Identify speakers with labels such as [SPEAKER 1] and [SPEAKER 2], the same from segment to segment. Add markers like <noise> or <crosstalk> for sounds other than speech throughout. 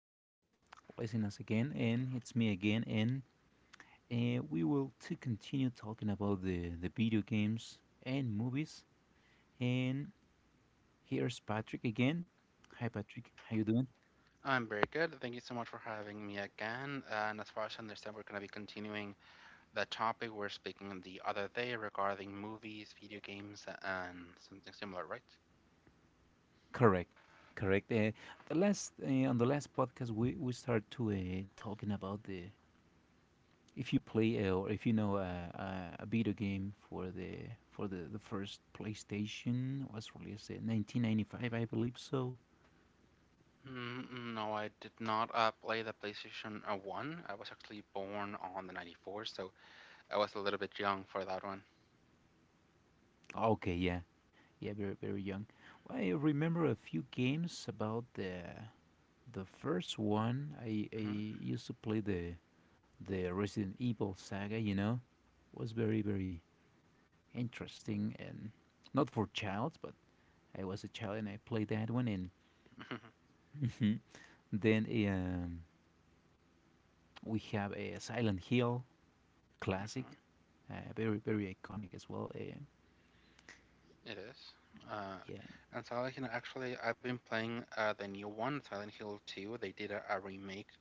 [SPEAKER 1] for listening us again, and it's me again, and we will to continue talking about the video games and movies. And here's Patrick again. Hi, Patrick. How you doing?
[SPEAKER 2] I'm very good. Thank you so much for having me again. And as far as I understand, we're going to be continuing the topic we were speaking the other day regarding movies, video games, and something similar, right?
[SPEAKER 1] Correct, correct. The last on the last podcast, we start to talking about the if you play or if you know a video game for the for the first PlayStation was released in 1995, I believe so.
[SPEAKER 2] No, I did not play the PlayStation 1. I was actually born on the 94, so I was a little bit young for that one.
[SPEAKER 1] Okay, yeah. Yeah, very very young. Well, I remember a few games about the first one. I
[SPEAKER 2] Hmm
[SPEAKER 1] I used to play the Resident Evil saga. You know, was very very interesting and not for child, but I was a child and I played that one. And <laughs> Mhm. Then we have a Silent Hill classic,
[SPEAKER 2] <laughs>
[SPEAKER 1] very very iconic as well.
[SPEAKER 2] It is. Uh,
[SPEAKER 1] Yeah,
[SPEAKER 2] and Silent Hill, actually, I've been playing the new one, Silent Hill 2. They did a remake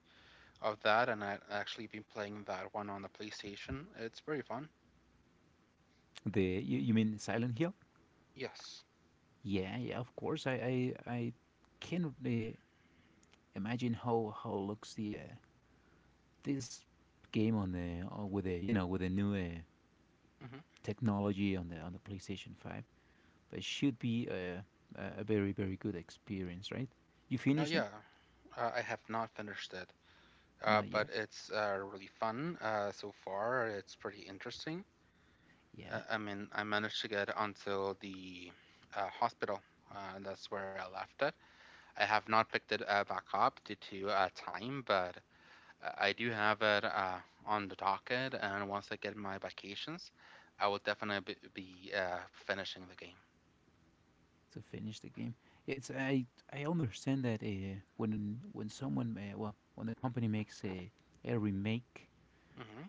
[SPEAKER 2] of that, and I actually been playing that one on the PlayStation. It's very fun.
[SPEAKER 1] the you, you mean Silent Hill?
[SPEAKER 2] Yes.
[SPEAKER 1] Yeah, yeah, of course. I can imagine how looks the this game on the or with the you know with the new
[SPEAKER 2] hmm
[SPEAKER 1] technology on the PlayStation Five. But it should be a very very good experience, right? You finish
[SPEAKER 2] Yeah,
[SPEAKER 1] it?
[SPEAKER 2] I have not finished it,
[SPEAKER 1] Not yet.
[SPEAKER 2] but it's really fun so far. It's pretty interesting.
[SPEAKER 1] Yeah,
[SPEAKER 2] I mean, I managed to get until the hospital. And that's where I left it. I have not picked it back up due to time, but I do have it on the docket. And once I get my vacations, I will definitely be finishing the game.
[SPEAKER 1] to finish the game. It's I understand that when someone well when the company makes a remake,
[SPEAKER 2] Mm-hmm.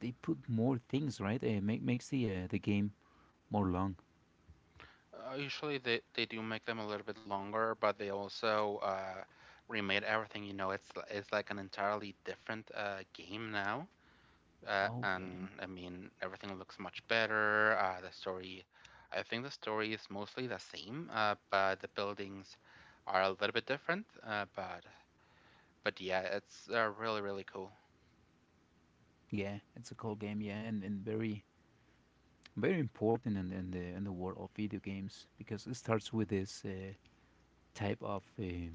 [SPEAKER 1] they put more things, right? Make makes the game more long.
[SPEAKER 2] Usually they do make them a little bit longer, but they also remade everything. You know, it's like an entirely different game now,
[SPEAKER 1] Okay.
[SPEAKER 2] and I mean everything looks much better. The story, I think the story is mostly the same, but the buildings are a little bit different. But yeah, it's really really cool
[SPEAKER 1] Yeah, it's a cool game. Yeah, and very very important in the world of video games because it starts with this type of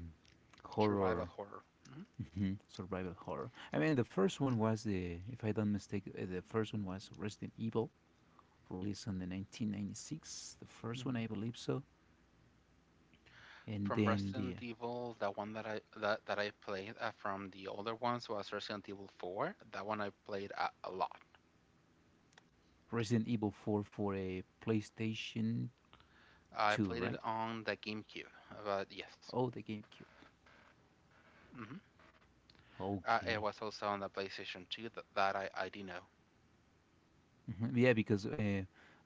[SPEAKER 2] survival
[SPEAKER 1] horror,
[SPEAKER 2] horror. Mhm.
[SPEAKER 1] mhm, survival horror. I mean, the first one was the, if I don't mistake, the first one was Resident Evil, released in the 1996. The first one, I believe so, and
[SPEAKER 2] From
[SPEAKER 1] then
[SPEAKER 2] Resident
[SPEAKER 1] the
[SPEAKER 2] Evil, the one that that I played from the older ones was Resident Evil 4. That one I played a lot.
[SPEAKER 1] Resident Evil 4 for a PlayStation
[SPEAKER 2] I
[SPEAKER 1] 2,
[SPEAKER 2] played
[SPEAKER 1] right?
[SPEAKER 2] it on the GameCube, but yes.
[SPEAKER 1] Oh, the GameCube.
[SPEAKER 2] hmm it
[SPEAKER 1] Okay.
[SPEAKER 2] was also on the PlayStation 2 that, that I do know.
[SPEAKER 1] Mhm. Yeah, because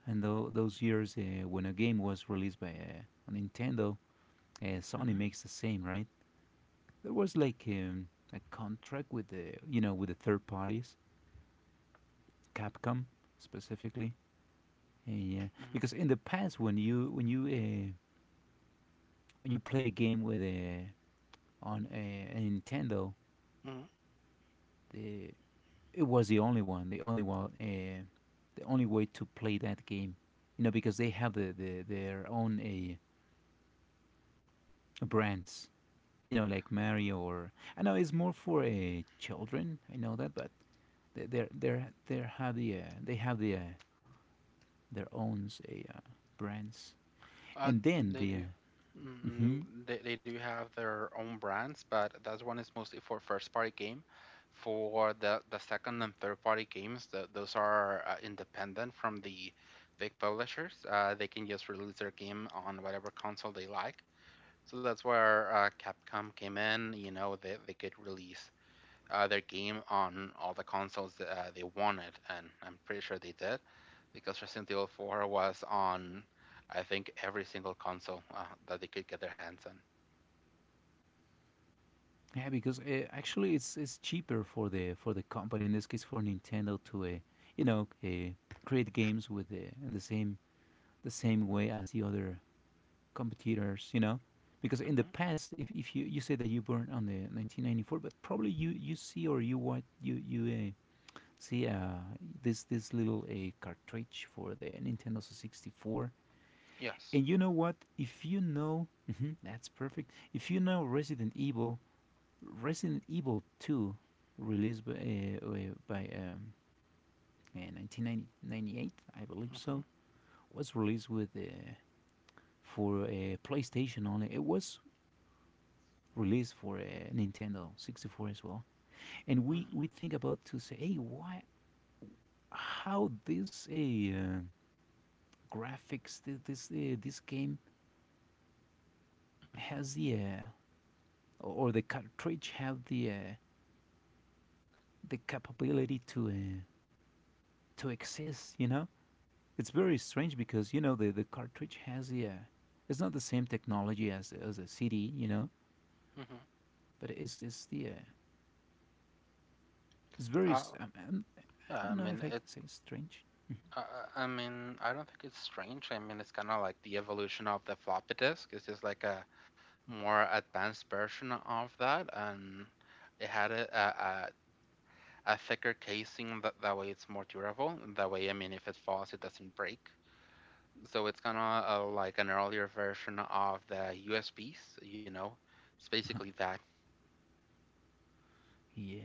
[SPEAKER 1] in tho- those years when a game was released by Nintendo,
[SPEAKER 2] Hmm
[SPEAKER 1] Sony makes the same, right? There was like a contract with the you know with the third parties, Capcom specifically. Yeah, because in the past when you when you when you play a game with a on a, a Nintendo,
[SPEAKER 2] hmm
[SPEAKER 1] the, it was the only one, the only one, the only way to play that game. You know, because they have the their own brands. You know, like Mario or I know it's more for children. I know that, but they have they have the their own say, brands,
[SPEAKER 2] Uh,
[SPEAKER 1] and then
[SPEAKER 2] they
[SPEAKER 1] the
[SPEAKER 2] do. mm
[SPEAKER 1] mhm.
[SPEAKER 2] they do have their own brands, but that one is mostly for first party game. For the second and third party games, those are independent from the big publishers. They can just release their game on whatever console they like. So that's where Capcom came in. You know, they could release their game on all the consoles that they wanted, and I'm pretty sure they did, because Resident Evil 4 was on, I think, every single console that they could get their hands on.
[SPEAKER 1] Yeah because actually it's cheaper for the company in this case for Nintendo to you know create games with the in the same way as the other competitors you know because in
[SPEAKER 2] Hmm
[SPEAKER 1] the past if you you say that you born on the 1994 but probably you you see or you what you see this this little a cartridge for the Nintendo 64.
[SPEAKER 2] Yes.
[SPEAKER 1] And you know what? If you know, mhm, that's perfect. If you know Resident Evil, Resident Evil 2, released by 1998, I believe
[SPEAKER 2] Mm-hmm.
[SPEAKER 1] so, was released with for PlayStation only. It was released for Nintendo 64 as well. And we think about to say, hey, why, how this graphics, thi- this this game
[SPEAKER 2] Mm-hmm.
[SPEAKER 1] has the or the cartridge have the capability to exist. You know, it's very strange because you know the cartridge has the it's not the same technology as a CD. You know,
[SPEAKER 2] Mm-hmm.
[SPEAKER 1] but it's the it's very
[SPEAKER 2] Uh,
[SPEAKER 1] um, um, I
[SPEAKER 2] yeah, I
[SPEAKER 1] don't know if
[SPEAKER 2] mean
[SPEAKER 1] I
[SPEAKER 2] it.
[SPEAKER 1] can say strange.
[SPEAKER 2] Uh, I mean, I don't think it's strange. I mean, it's kind of like the evolution of the floppy disk. It's just like a more advanced version of that, and it had a thicker casing that, that way it's more durable. That way, I mean, if it falls, it doesn't break, so it's kind of like an earlier version of the USBs, you know. It's basically that.
[SPEAKER 1] Yeah,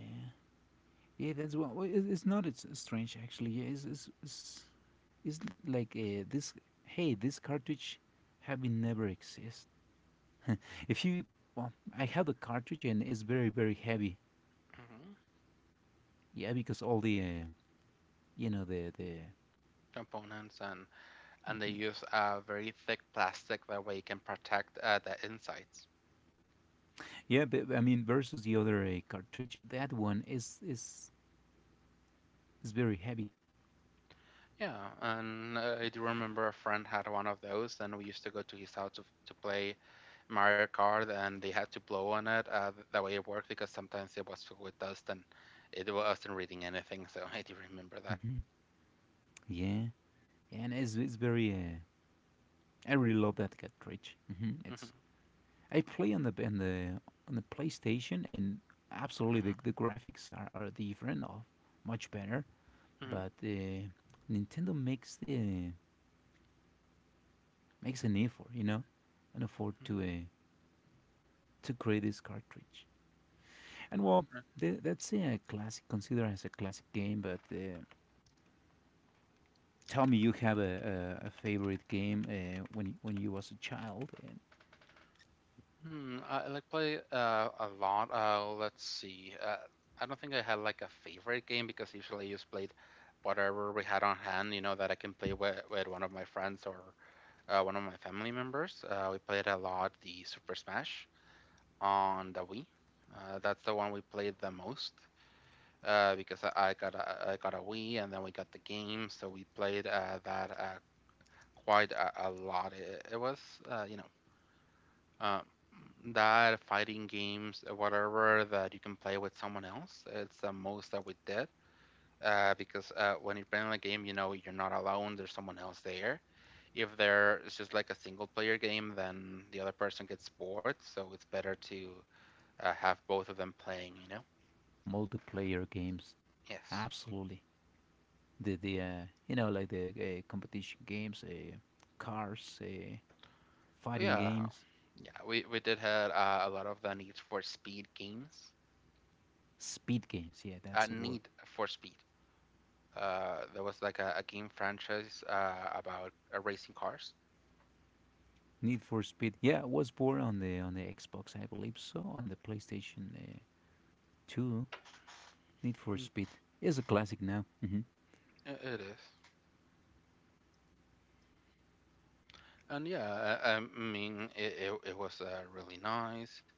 [SPEAKER 1] yeah, that's what well, it's not. It's strange actually. Yeah, it's like this. Hey, this cartridge have been never exist. If you well, I have the cartridge and it's very very heavy.
[SPEAKER 2] Mhm.
[SPEAKER 1] Yeah, because all the you know the
[SPEAKER 2] Components and they use a very thick plastic that way it can protect the insides.
[SPEAKER 1] yeah, but I mean, versus the other cartridge, that one is very heavy.
[SPEAKER 2] Yeah, and I do remember a friend had one of those, and we used to go to his house to, to play Mario Kart, and they had to blow on it. That way it worked because sometimes it was filled with dust and it wasn't reading anything, so <laughs> I do remember that.
[SPEAKER 1] Hmm. Yeah, yeah, and it's very. I really love that cartridge. Hmm.
[SPEAKER 2] Hmm
[SPEAKER 1] It's I play on the on the on the PlayStation, and absolutely
[SPEAKER 2] hmm
[SPEAKER 1] the graphics are different, of much better. But
[SPEAKER 2] hmm
[SPEAKER 1] Nintendo makes the makes an effort, you know, an effort to create this cartridge. And well, th- that's a classic, considered as a classic game, but. Tell me you have a favorite game when you was a child and
[SPEAKER 2] Hmm, I like play a lot. Let's see. I don't think I had like a favorite game because usually I just played whatever we had on hand, you know, that I can play with one of my friends or one of my family members. We played a lot the Super Smash on the Wii. That's the one we played the most because I got a Wii and then we got the game, so we played that quite a lot. It was you know uh, that fighting games whatever that you can play with someone else. It's the most that we did because when you're playing a game, you know you're not alone. There's someone else there. If there is just like a single player game, then the other person gets bored. So it's better to have both of them playing. You know.
[SPEAKER 1] multiplayer games
[SPEAKER 2] Yes.
[SPEAKER 1] absolutely the you know like the competition games cars fighting
[SPEAKER 2] Yeah.
[SPEAKER 1] games
[SPEAKER 2] Yeah. We did had a lot of the Need for Speed games.
[SPEAKER 1] speed games yeah that's the word
[SPEAKER 2] Need for Speed. There was like a game franchise about racing cars.
[SPEAKER 1] need for speed yeah it was born on the Xbox I believe so on the PlayStation 2 need for
[SPEAKER 2] Mm,
[SPEAKER 1] speed is a classic now hmm
[SPEAKER 2] It is. And yeah, I mean, it was really nice.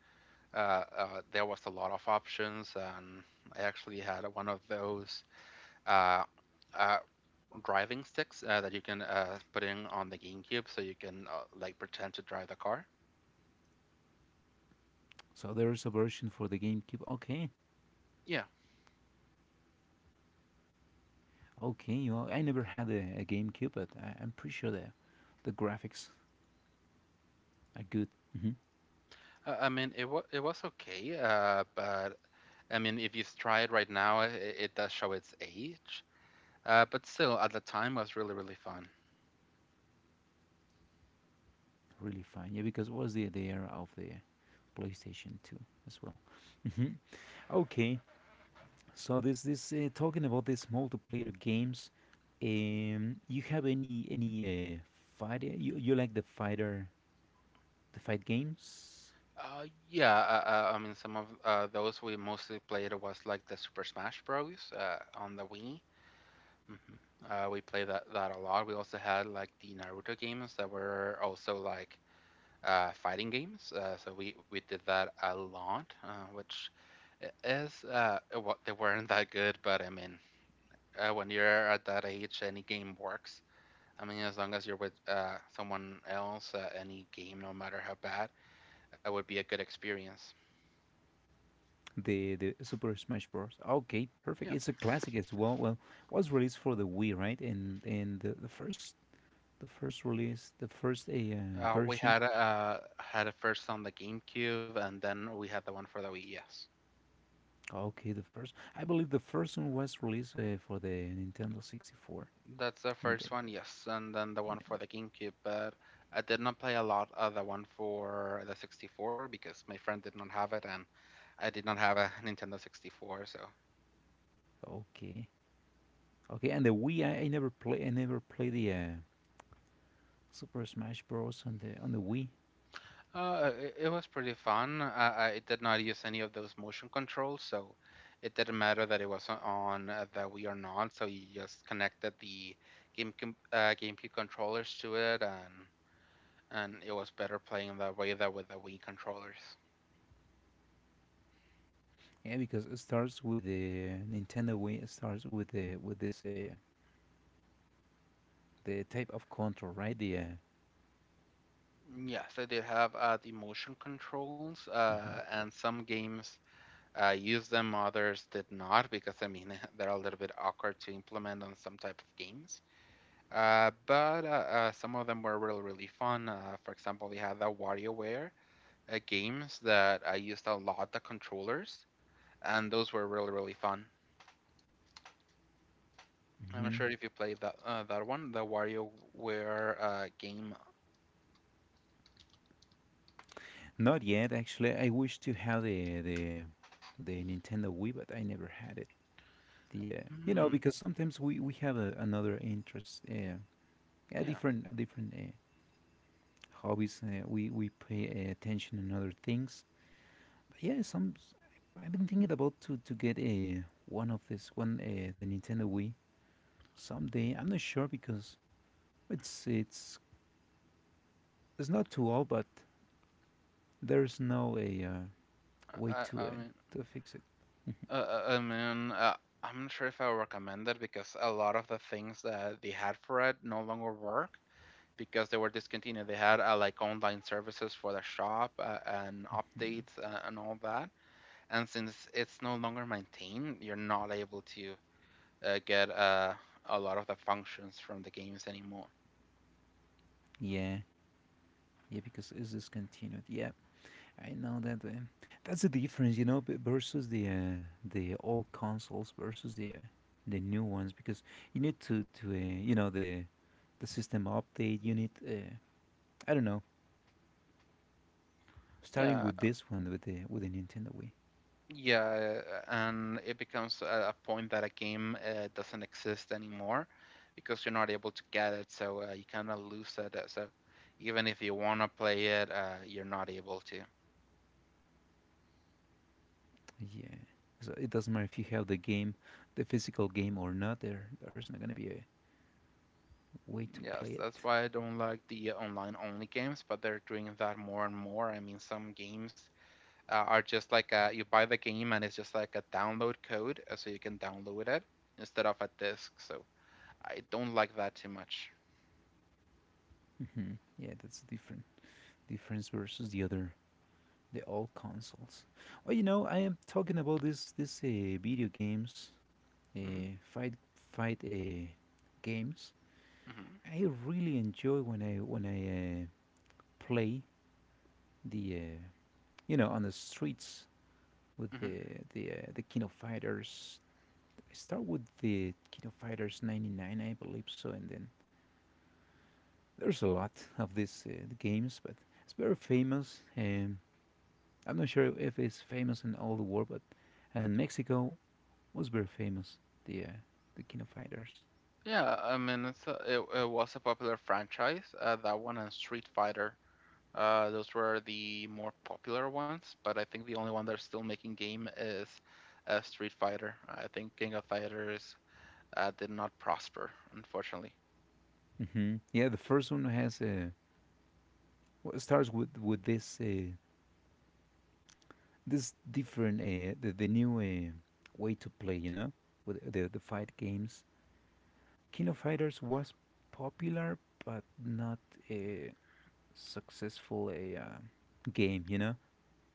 [SPEAKER 2] There was a lot of options, and I actually had one of those uh, uh, driving sticks that you can put in on the GameCube, so you can like pretend to drive the car.
[SPEAKER 1] so there's a version for the GameCube okay.
[SPEAKER 2] Yeah,
[SPEAKER 1] Okay, you know, I never had a GameCube, but I, I'm pretty sure the graphics are good, hmm
[SPEAKER 2] I mean it was okay, but I mean if you try it right now, it does show its age. But still, at the time, was really really fun.
[SPEAKER 1] really fine. Yeah, because it was the era of the PlayStation Two as well. Hmm. Okay, so this talking about these multiplayer games, you have any uh, fighter? You like the fighter the fight games?
[SPEAKER 2] Yeah, I mean, some of those we mostly played was like the Super Smash Bros. On the Wii. Mhm. We played that a lot. We also had like the Naruto games that were also like fighting games. So we did that a lot, which is what they weren't that good, but I mean, when you're at that age, any game works. I mean, as long as you're with someone else, any game, no matter how bad, it would be a good experience.
[SPEAKER 1] The Super Smash Bros. Okay, perfect.
[SPEAKER 2] Yeah.
[SPEAKER 1] It's a classic as well. Well, was released for the Wii, right? And the first the first release, the first a
[SPEAKER 2] We
[SPEAKER 1] version.
[SPEAKER 2] had it first on the GameCube, and then we had the one for the Wii. Yes.
[SPEAKER 1] Okay, the first. I believe the first one was released for the Nintendo 64,
[SPEAKER 2] That's the
[SPEAKER 1] and
[SPEAKER 2] first
[SPEAKER 1] then
[SPEAKER 2] one, yes, and then the one
[SPEAKER 1] yeah,
[SPEAKER 2] for the GameCube. But I did not play a lot of the one for the 64 because my friend did not have it, and I did not have a <laughs> Nintendo 64. So
[SPEAKER 1] okay, okay. And the Wii, I never play. I never play the Super Smash Bros. On the Wii.
[SPEAKER 2] it was pretty fun. I did not use any of those motion controls, so it didn't matter that it was on the Wii or not. So you just connected the GameCube controllers to it, and it was better playing that way than with the Wii controllers.
[SPEAKER 1] Yeah, because it starts with the Nintendo Wii. It starts with the with this the type of control, right? The
[SPEAKER 2] Yes, I did have the motion controls,
[SPEAKER 1] mhm,
[SPEAKER 2] and some games use them, others did not, because I mean <laughs> they're a little bit awkward to implement on some type of games. But some of them were really, really fun. For example, we had the WarioWare games that I used a lot the controllers, and those were really, really fun. I'm not
[SPEAKER 1] mhm.
[SPEAKER 2] sure if you played that that one, the WarioWare game.
[SPEAKER 1] Not yet, actually. I wish to have the eh, the Nintendo Wii, but I never had it. Yeah, you know,
[SPEAKER 2] Hmm,
[SPEAKER 1] because sometimes we have a, another interest,
[SPEAKER 2] yeah,
[SPEAKER 1] a different hobbies. We pay attention on other things. But yeah, some s- I've been thinking about to get a one of this one the Nintendo Wii someday. I'm not sure because it's it's it's not too old, but there's no a way
[SPEAKER 2] I, I I mean.
[SPEAKER 1] to fix it.
[SPEAKER 2] I mean, I'm not sure if I would recommend it because a lot of the things that they had for it no longer work because they were discontinued. They had like online services for the shop and updates and all that. And since it's no longer maintained, you're not able to get a lot of the functions from the games anymore.
[SPEAKER 1] Yeah, yeah, because it's discontinued. Yeah, I know that that's the difference, you know, b- versus the old consoles versus the new ones because you need to you know the system update. You need I don't know, starting
[SPEAKER 2] Yeah,
[SPEAKER 1] with this one with the Nintendo Wii.
[SPEAKER 2] Yeah, and it becomes a point that a game doesn't exist anymore because you're not able to get it, so you kind of lose it. So even if you want to play it, you're not able to.
[SPEAKER 1] Yeah, so it doesn't matter if you have the game, the physical game or not. There there's not gonna be a way to
[SPEAKER 2] Yes,
[SPEAKER 1] play
[SPEAKER 2] that's
[SPEAKER 1] it.
[SPEAKER 2] why I don't like the online only games, but they're doing that more and more. I mean, some games are just like you buy the game and it's just like a download code, so you can download it instead of a disc. So I don't like that too much.
[SPEAKER 1] Hmm. Yeah, that's the different difference versus the other the old consoles. Well, you know, I am talking about this this video games,
[SPEAKER 2] Hmm
[SPEAKER 1] uh, fight fight games.
[SPEAKER 2] hmm
[SPEAKER 1] I really enjoy when I play the you know on the streets with
[SPEAKER 2] hmm
[SPEAKER 1] the King of Fighters. I start with the King of Fighters '99, I believe so, and then there's a lot of these games, but it's very famous. I'm not sure if it's famous in all the world, but and Mexico was very famous. The uh, the King of Fighters.
[SPEAKER 2] Yeah, I mean, it's it was a popular franchise. That one and Street Fighter. Those were the more popular ones, but I think the only one that's still making game is Street Fighter. I think King of Fighters did not prosper, unfortunately.
[SPEAKER 1] Hmm. Yeah, the first one has well, it starts with this this different the new way to play. You know, with the fight games. King of Fighters was popular, but not a successful a game. You know,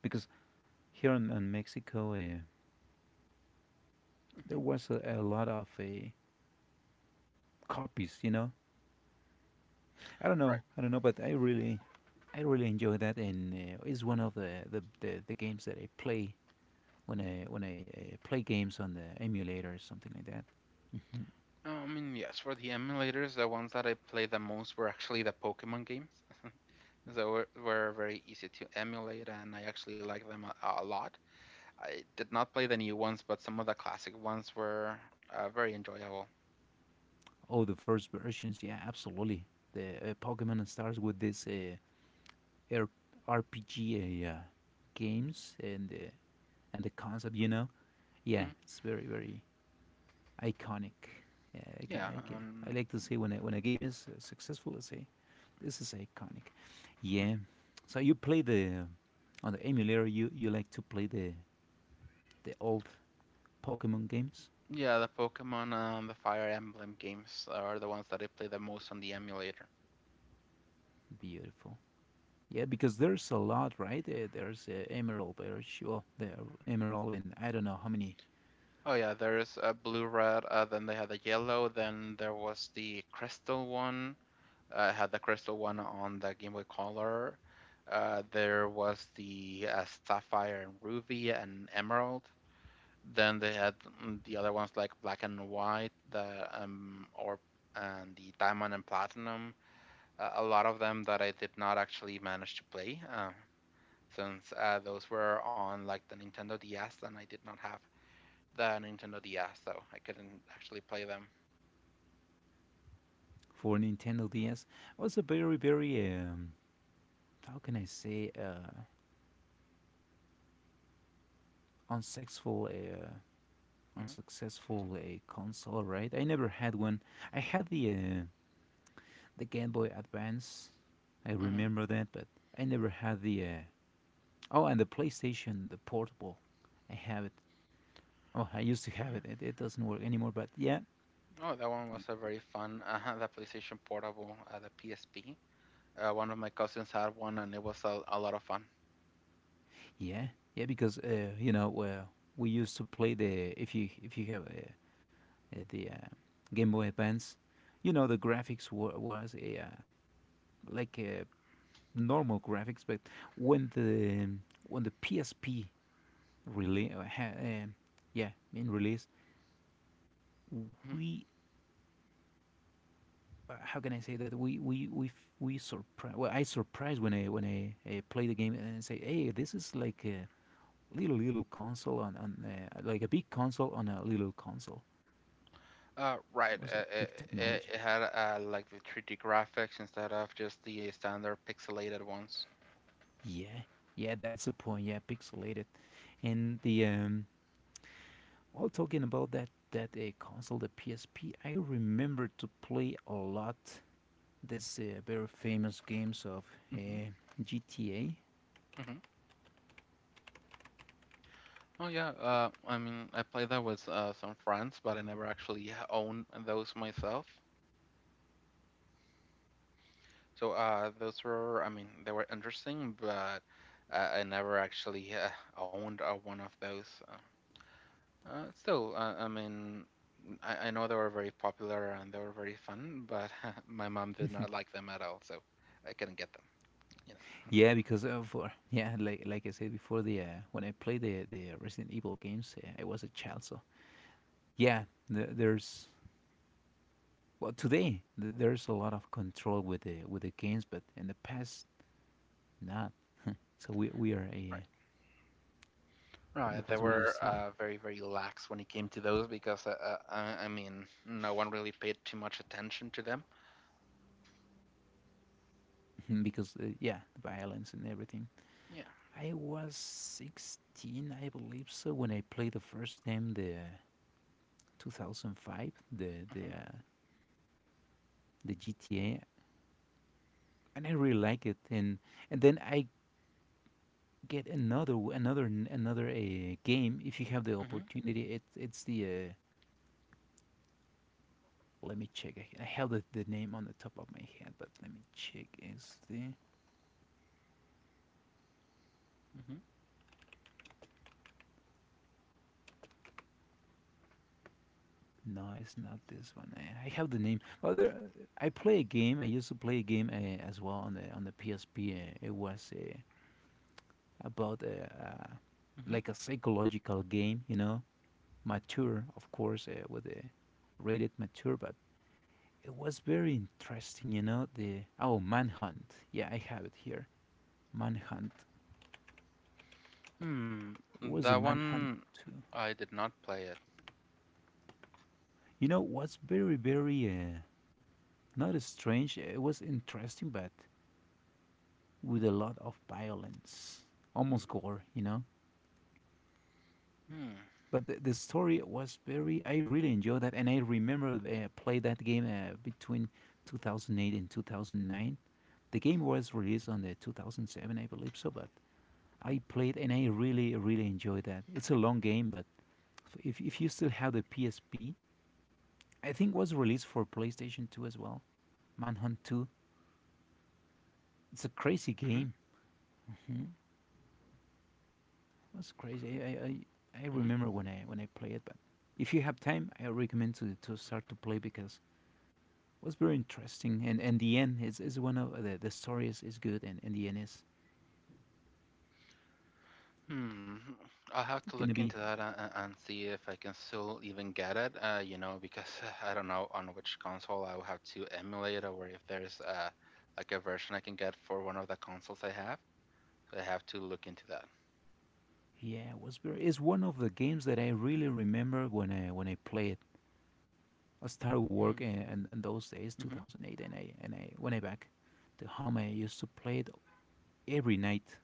[SPEAKER 1] because here in Mexico, there
[SPEAKER 2] Hmm
[SPEAKER 1] was a lot of copies. You know, I don't know,
[SPEAKER 2] Right.
[SPEAKER 1] I don't know, but I really enjoy that, and it's one of the games that I play when I play games on the emulator or something like that.
[SPEAKER 2] I mean, yes, for the emulators, the ones that I played the most were actually the Pokemon games. <laughs> They were very easy to emulate, and I actually like them a lot. I did not play the new ones, but some of the classic ones were very enjoyable.
[SPEAKER 1] Oh, the first versions, yeah, absolutely. The Pokemon starts with this R- RPG games and the concept, you know. Yeah,
[SPEAKER 2] Hmm
[SPEAKER 1] it's very very iconic. Yeah, I can,
[SPEAKER 2] Yeah,
[SPEAKER 1] I can. I
[SPEAKER 2] um,
[SPEAKER 1] like to say when a game is successful, I say this is iconic. Yeah. So you play the on the emulator. You like to play the old Pokemon games.
[SPEAKER 2] yeah, the Pokemon, the Fire Emblem games are the ones that I play the most on the emulator.
[SPEAKER 1] Beautiful. Yeah, because there's a lot, right? There's Emerald, there's sure, there Emerald, and I don't know how many
[SPEAKER 2] Oh yeah, there's blue, red, then they had the yellow, then there was the crystal one. Had the crystal one on the Game Boy Color. There was the sapphire and ruby and emerald. Then they had the other ones like Black and White, the or and the Diamond and Platinum. A lot of them that I did not actually manage to play, since those were on like the Nintendo DS, and I did not have the Nintendo DS, so I couldn't actually play them.
[SPEAKER 1] for Nintendo DS. Was a very, very how can I say, unsuccessful,
[SPEAKER 2] Hmm.
[SPEAKER 1] unsuccessful console, right? I never had one. I had the Game Boy Advance. I
[SPEAKER 2] Hmm.
[SPEAKER 1] remember that, but I never had the. Oh, and the PlayStation, the portable. I have it. Oh, I used to have it. It doesn't work anymore, but yeah,
[SPEAKER 2] Oh, that one was
[SPEAKER 1] the
[SPEAKER 2] a very fun. <laughs> The PlayStation Portable, the PSP. One of my cousins had one, and it was a lot of fun.
[SPEAKER 1] Yeah, yeah, because you know we used to play the if you have the Game Boy Advance, you know the was a like a normal graphics, but when the when the PSP release, yeah, in release,
[SPEAKER 2] Mm-hmm.
[SPEAKER 1] we how can I say that we surprised. Well, I surprised when I play the game and say, hey, this is like a little console on like a big console on a little console.
[SPEAKER 2] Right.
[SPEAKER 1] Was it
[SPEAKER 2] Uh,
[SPEAKER 1] big
[SPEAKER 2] it, it,
[SPEAKER 1] technology?
[SPEAKER 2] it had like the 3D graphics instead of just the standard pixelated ones.
[SPEAKER 1] Yeah, yeah, that's the point. Yeah, pixelated. And the while talking about that console, the PSP, I remember to play a lot this very famous games of
[SPEAKER 2] Hmm.
[SPEAKER 1] uh, GTA.
[SPEAKER 2] Hmm. Oh yeah. I mean, I played that with some friends, but I never actually owned those myself. So those were, I mean, they were interesting, but I never actually owned one of those. Still, I mean, I know they were very popular and they were very fun, but <laughs> my mom did not like them at all, so I couldn't get them. Hmm.
[SPEAKER 1] Yeah, because of <laughs> yeah, like I said before, the when I played the Resident Evil games, I was a child, so yeah, there's well today there's a lot of control with the games, but in the past not. So we are a
[SPEAKER 2] Right.
[SPEAKER 1] the
[SPEAKER 2] Right. They
[SPEAKER 1] past we
[SPEAKER 2] were
[SPEAKER 1] used to
[SPEAKER 2] very, very lax when it came to those because, I mean, no one really paid too much attention to them.
[SPEAKER 1] <laughs> because yeah the violence and everything
[SPEAKER 2] Yeah.
[SPEAKER 1] I was 16, I believe so, when I played the first time the 2005,
[SPEAKER 2] Mm-hmm.
[SPEAKER 1] the GTA. And I really like it, and then I get another w- another n- another game. If you have the
[SPEAKER 2] Mm-hmm.
[SPEAKER 1] opportunity, it, it's the let me check, I have the name on the top of my head, but let me check, is the no, it's not this one. I have the name. Well, there, I used to play a game as well on the PSP. It was about
[SPEAKER 2] Mm-hmm.
[SPEAKER 1] like a psychological game, you know, mature, of course, with a rated mature, but it was very interesting, you know. The oh, Manhunt. Yeah, I have it here. Manhunt.
[SPEAKER 2] Hmm.
[SPEAKER 1] It
[SPEAKER 2] Hmm.
[SPEAKER 1] was the
[SPEAKER 2] That
[SPEAKER 1] Manhunt
[SPEAKER 2] one,
[SPEAKER 1] too.
[SPEAKER 2] I did not play it.
[SPEAKER 1] You know what's very very not strange. It was interesting, but with a lot of violence, almost gore, you know.
[SPEAKER 2] Hmm.
[SPEAKER 1] But the story was very. I really enjoyed that, and I remember I played that game between 2008 and 2009. The game was released on the 2007, I believe so, but I played and I really, really enjoyed that. It's a long game, but if you still have the PSP, I think it was released for PlayStation 2 as well. Manhunt 2. It's a crazy
[SPEAKER 2] Mm-hmm.
[SPEAKER 1] game. That's crazy. I
[SPEAKER 2] Mm-hmm.
[SPEAKER 1] remember when I play it. But if you have time, I recommend to start to play because it was very interesting, and the end is one the story is good, and the end is
[SPEAKER 2] Hmm. I'll have to look
[SPEAKER 1] gonna
[SPEAKER 2] into
[SPEAKER 1] be
[SPEAKER 2] that and see if I can still even get it. You know, because <laughs> <sighs> I don't know on which console I will have to emulate, or if there's like a version I can get for one of the consoles I have. I have to look into that.
[SPEAKER 1] yeah, it was very is one of the games that I really remember when I play it. I started work,
[SPEAKER 2] Mm-hmm.
[SPEAKER 1] and those days, 2008, and I when I back to home I used to play it every night.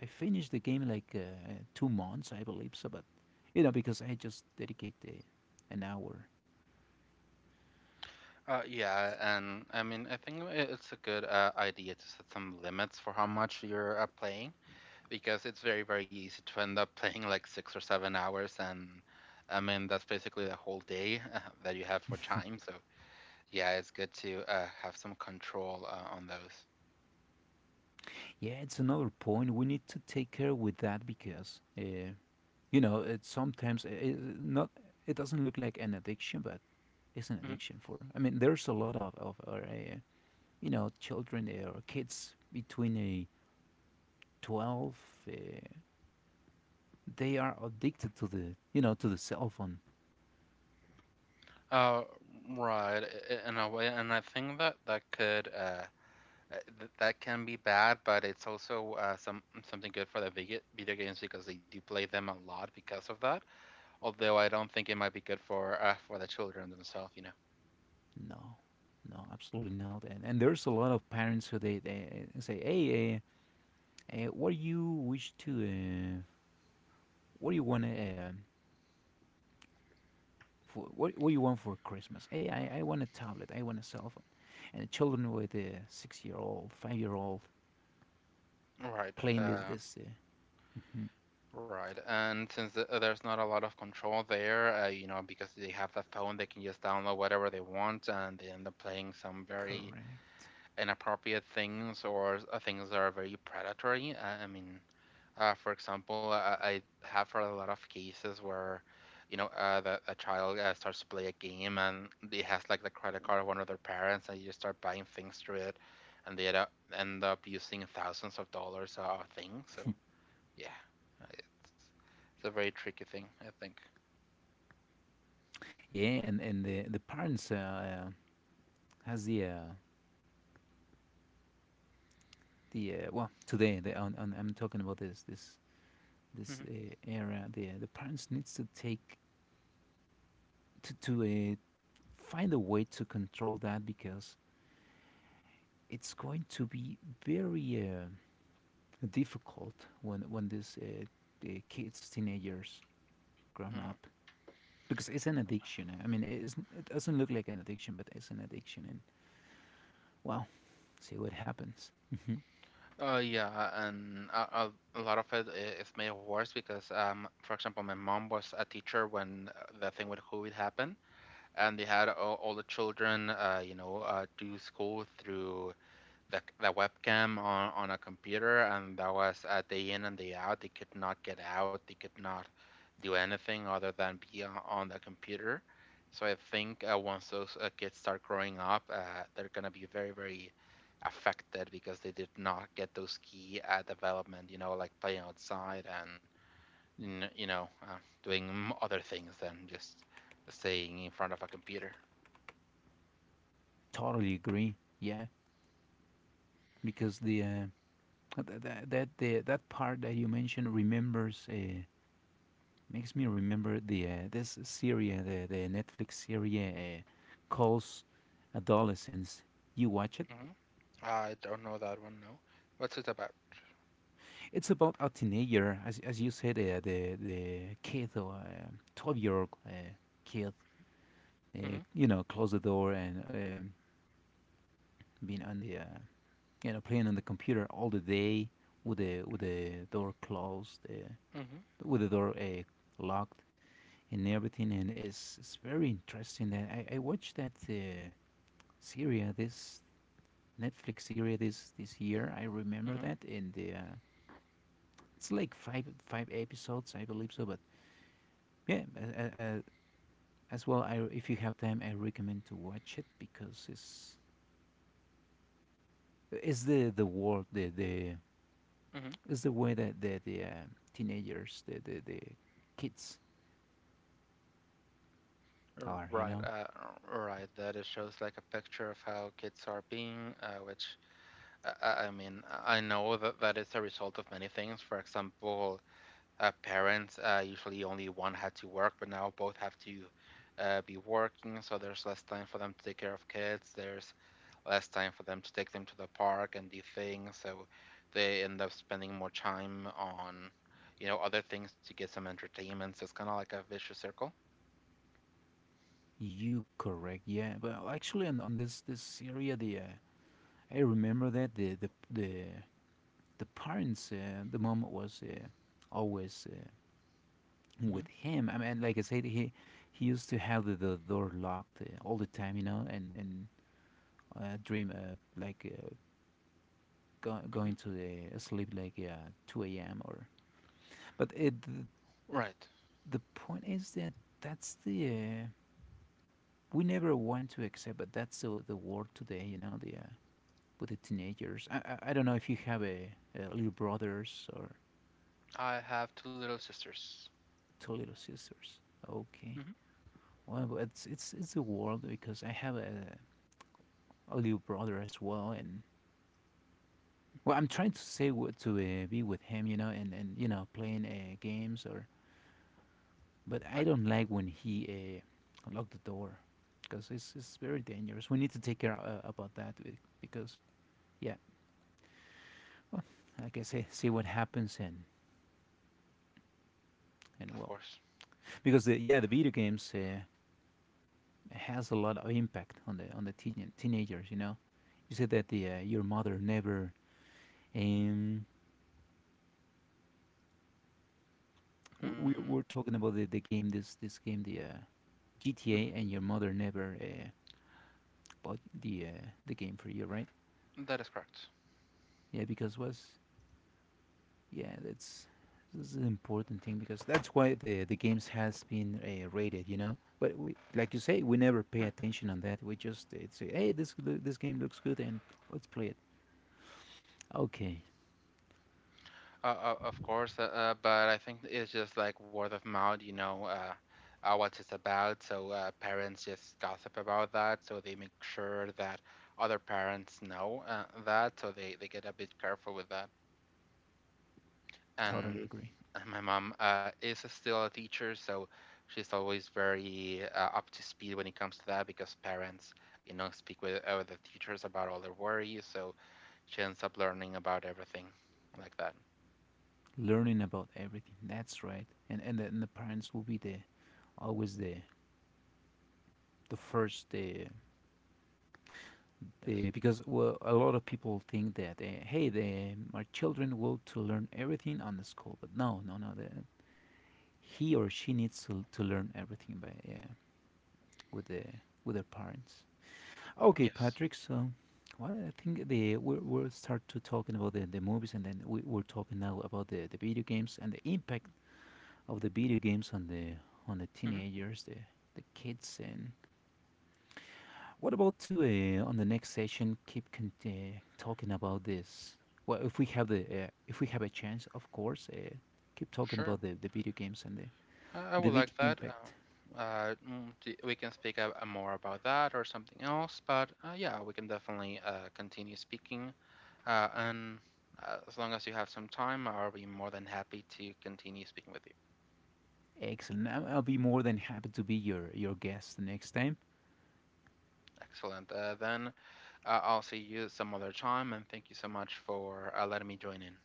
[SPEAKER 1] I finished the game in like 2 months, I believe so. But you know, because I just dedicate an hour.
[SPEAKER 2] Yeah, and I mean, I think it's a good idea to set some limits for how much you're playing because it's very, very easy to end up <laughs> playing like 6 or 7 hours, and I mean, that's basically the whole day <laughs> that you have for time. So, yeah, it's good to have some control on those.
[SPEAKER 1] Yeah, it's another point. We need to take care with that because you know it sometimes it, not it doesn't look like an addiction, but it's an
[SPEAKER 2] Hmm.
[SPEAKER 1] addiction for. I mean, there's a lot of you know children or kids between a 12. Uh, they are addicted to the you know to the cell phone.
[SPEAKER 2] Uh, right, in a way, and I think that that could that can be bad, but it's also something good for the video games because they do play them a lot because of that. Although I don't think it might be good for the children themselves, you know.
[SPEAKER 1] No, no, absolutely not. And there's a lot of parents who they say, "Hey, what do you wish to, what do you want for, what do you want for Christmas? Hey, I want a tablet. I want a cell phone." And the children with a 6 year old, 5 year old
[SPEAKER 2] Right.
[SPEAKER 1] playing this this. Uh, mhm,
[SPEAKER 2] Right. And since there's not a lot of control there, you know, because they have the phone, they can just download whatever they want, and they end up playing some very
[SPEAKER 1] Correct.
[SPEAKER 2] inappropriate things or things that are very predatory. I mean, for example, I have heard a lot of cases where, you know, that a child starts to play a game and they has like the credit card of one of their parents, and you just start buying things through it, and they end up using thousands of dollars of things. So yeah, uh, it's it's a very tricky thing, I think.
[SPEAKER 1] Yeah, and the parents has the well today the on, I'm talking about this this
[SPEAKER 2] Hmm.
[SPEAKER 1] this uh, era. The parents needs to take to find a way to control that because it's going to be very difficult when the kids, teenagers, grown
[SPEAKER 2] Hmm.
[SPEAKER 1] up, because it's an addiction. I mean, it, isn't, it doesn't look like an addiction, but it's an addiction, and well, see what happens. Hmm.
[SPEAKER 2] Yeah, and a lot of it is made worse because, for example, my mom was a teacher when the thing with COVID happened and they had all the children, you know, do school through the webcam on a computer, and that was day in and day out. They could not get out. They could not do anything other than be on the computer. So I think once those kids start growing up, they're gonna be very, very affected because they did not get those key development, you know, like playing outside and you know, doing other things than just staying in front of a computer.
[SPEAKER 1] Totally agree. Yeah, because the that that part that you mentioned remembers. Makes me remember the this series, the Netflix series calls Adolescence. You watch it.
[SPEAKER 2] Hmm. I don't know that one. No, what's it about?
[SPEAKER 1] It's about a teenager, as you said, the kid, or 12 year old kid,
[SPEAKER 2] Hmm.
[SPEAKER 1] you know, close the door and being on the you know playing on the computer all the day with the door closed,
[SPEAKER 2] Hmm.
[SPEAKER 1] with the door locked and everything, and it's very interesting. That I watched that series this Netflix series this this year. I remember
[SPEAKER 2] Hmm.
[SPEAKER 1] that in the it's like five episodes, I believe so. But yeah, as well, I if you have time, I recommend to watch it because it's the world the
[SPEAKER 2] Hmm.
[SPEAKER 1] it's the way that the teenagers the kids are. You
[SPEAKER 2] Right,
[SPEAKER 1] know,
[SPEAKER 2] right. That it shows like a picture of how kids are being, which I mean, I know that that is a result of many things. For example, parents usually only one had to work, but now both have to be working, so there's less time for them to take care of kids. There's less time for them to take them to the park and do things. So they end up spending more time on, you know, other things to get some entertainment. So it's kind of like a vicious circle.
[SPEAKER 1] you correct? Yeah, but actually on this this area the I remember that the parents the mom was always.
[SPEAKER 2] Hmm.
[SPEAKER 1] With him. I mean, like I said, he used to have the door locked all the time, you know, and dream like go,
[SPEAKER 2] Hmm.
[SPEAKER 1] going to the sleep like two a.m. or. But it,
[SPEAKER 2] Right.
[SPEAKER 1] the point is that that's the we never want to accept, but that's the world today, you know, the with the teenagers. I don't know if you have a little brothers or
[SPEAKER 2] I have two little sisters.
[SPEAKER 1] two little sisters. Okay.
[SPEAKER 2] Hmm.
[SPEAKER 1] Well, but it's it's the world because I have a little brother as well, and
[SPEAKER 2] Hmm.
[SPEAKER 1] well, I'm trying to say what to be with him, you know, and you know, playing games or. But
[SPEAKER 2] Right?
[SPEAKER 1] I don't like when he locked the door, because it's very dangerous. We need to take care about that because yeah, well, like I say, see what happens, and
[SPEAKER 2] Of
[SPEAKER 1] well,
[SPEAKER 2] course.
[SPEAKER 1] because the, yeah, the video games has a lot of impact on teenagers. You know, you said that the your mother never. Um, we
[SPEAKER 2] Mm-hmm.
[SPEAKER 1] we're talking about the game this this game the GTA and your mother never. Bought the game for you, right?
[SPEAKER 2] That is correct.
[SPEAKER 1] Yeah, because was yeah, that's this is an important thing because that's why the games has been rated, you know. But we, like you say, we never pay
[SPEAKER 2] All right.
[SPEAKER 1] attention on that. We just say, hey, this this game looks good, and let's play it. Okay,
[SPEAKER 2] Of course, but I think it's just like word of mouth, you know, what it's about. So parents just gossip about that, so they make sure that other parents know that, so they get a bit careful with that. And
[SPEAKER 1] totally agree.
[SPEAKER 2] my mom is still a teacher, so she's always very up to speed when it comes to that because parents, you know, speak with the teachers about all their worries, so she ends up learning about everything like that.
[SPEAKER 1] Learning about everything. That's right. And and the parents will be the always the first the because well, a lot of people think that hey, the, my children will to learn everything on the school, but no, no, no. The, he or she needs to learn everything by with the with their parents. Okay,
[SPEAKER 2] Yes.
[SPEAKER 1] Patrick. So, well, I think the we're, we'll start to talking about the movies, and then we, we're talking now about the video games and the impact of the video games on the
[SPEAKER 2] Yes.
[SPEAKER 1] teenagers, the kids, and what about today on the next session? Keep talking about this. Well, if we have the if we have a chance, of course, keep talking about
[SPEAKER 2] Sure,
[SPEAKER 1] the video games and
[SPEAKER 2] I
[SPEAKER 1] the
[SPEAKER 2] would
[SPEAKER 1] big
[SPEAKER 2] like that.
[SPEAKER 1] impact.
[SPEAKER 2] We can speak more about that or something else, but yeah, we can definitely continue speaking. And As long as you have some time, I'll be more than happy to continue speaking with you.
[SPEAKER 1] Excellent. I'll be more than happy to be your guest next time.
[SPEAKER 2] Excellent. Then I'll see you some other time, and thank you so much for letting me join in.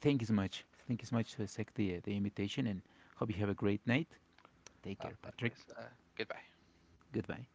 [SPEAKER 1] Thank you so much. Thank you so much to accept the invitation, and hope you have a great night. Take care, Patrick.
[SPEAKER 2] Likewise. Goodbye.
[SPEAKER 1] Goodbye.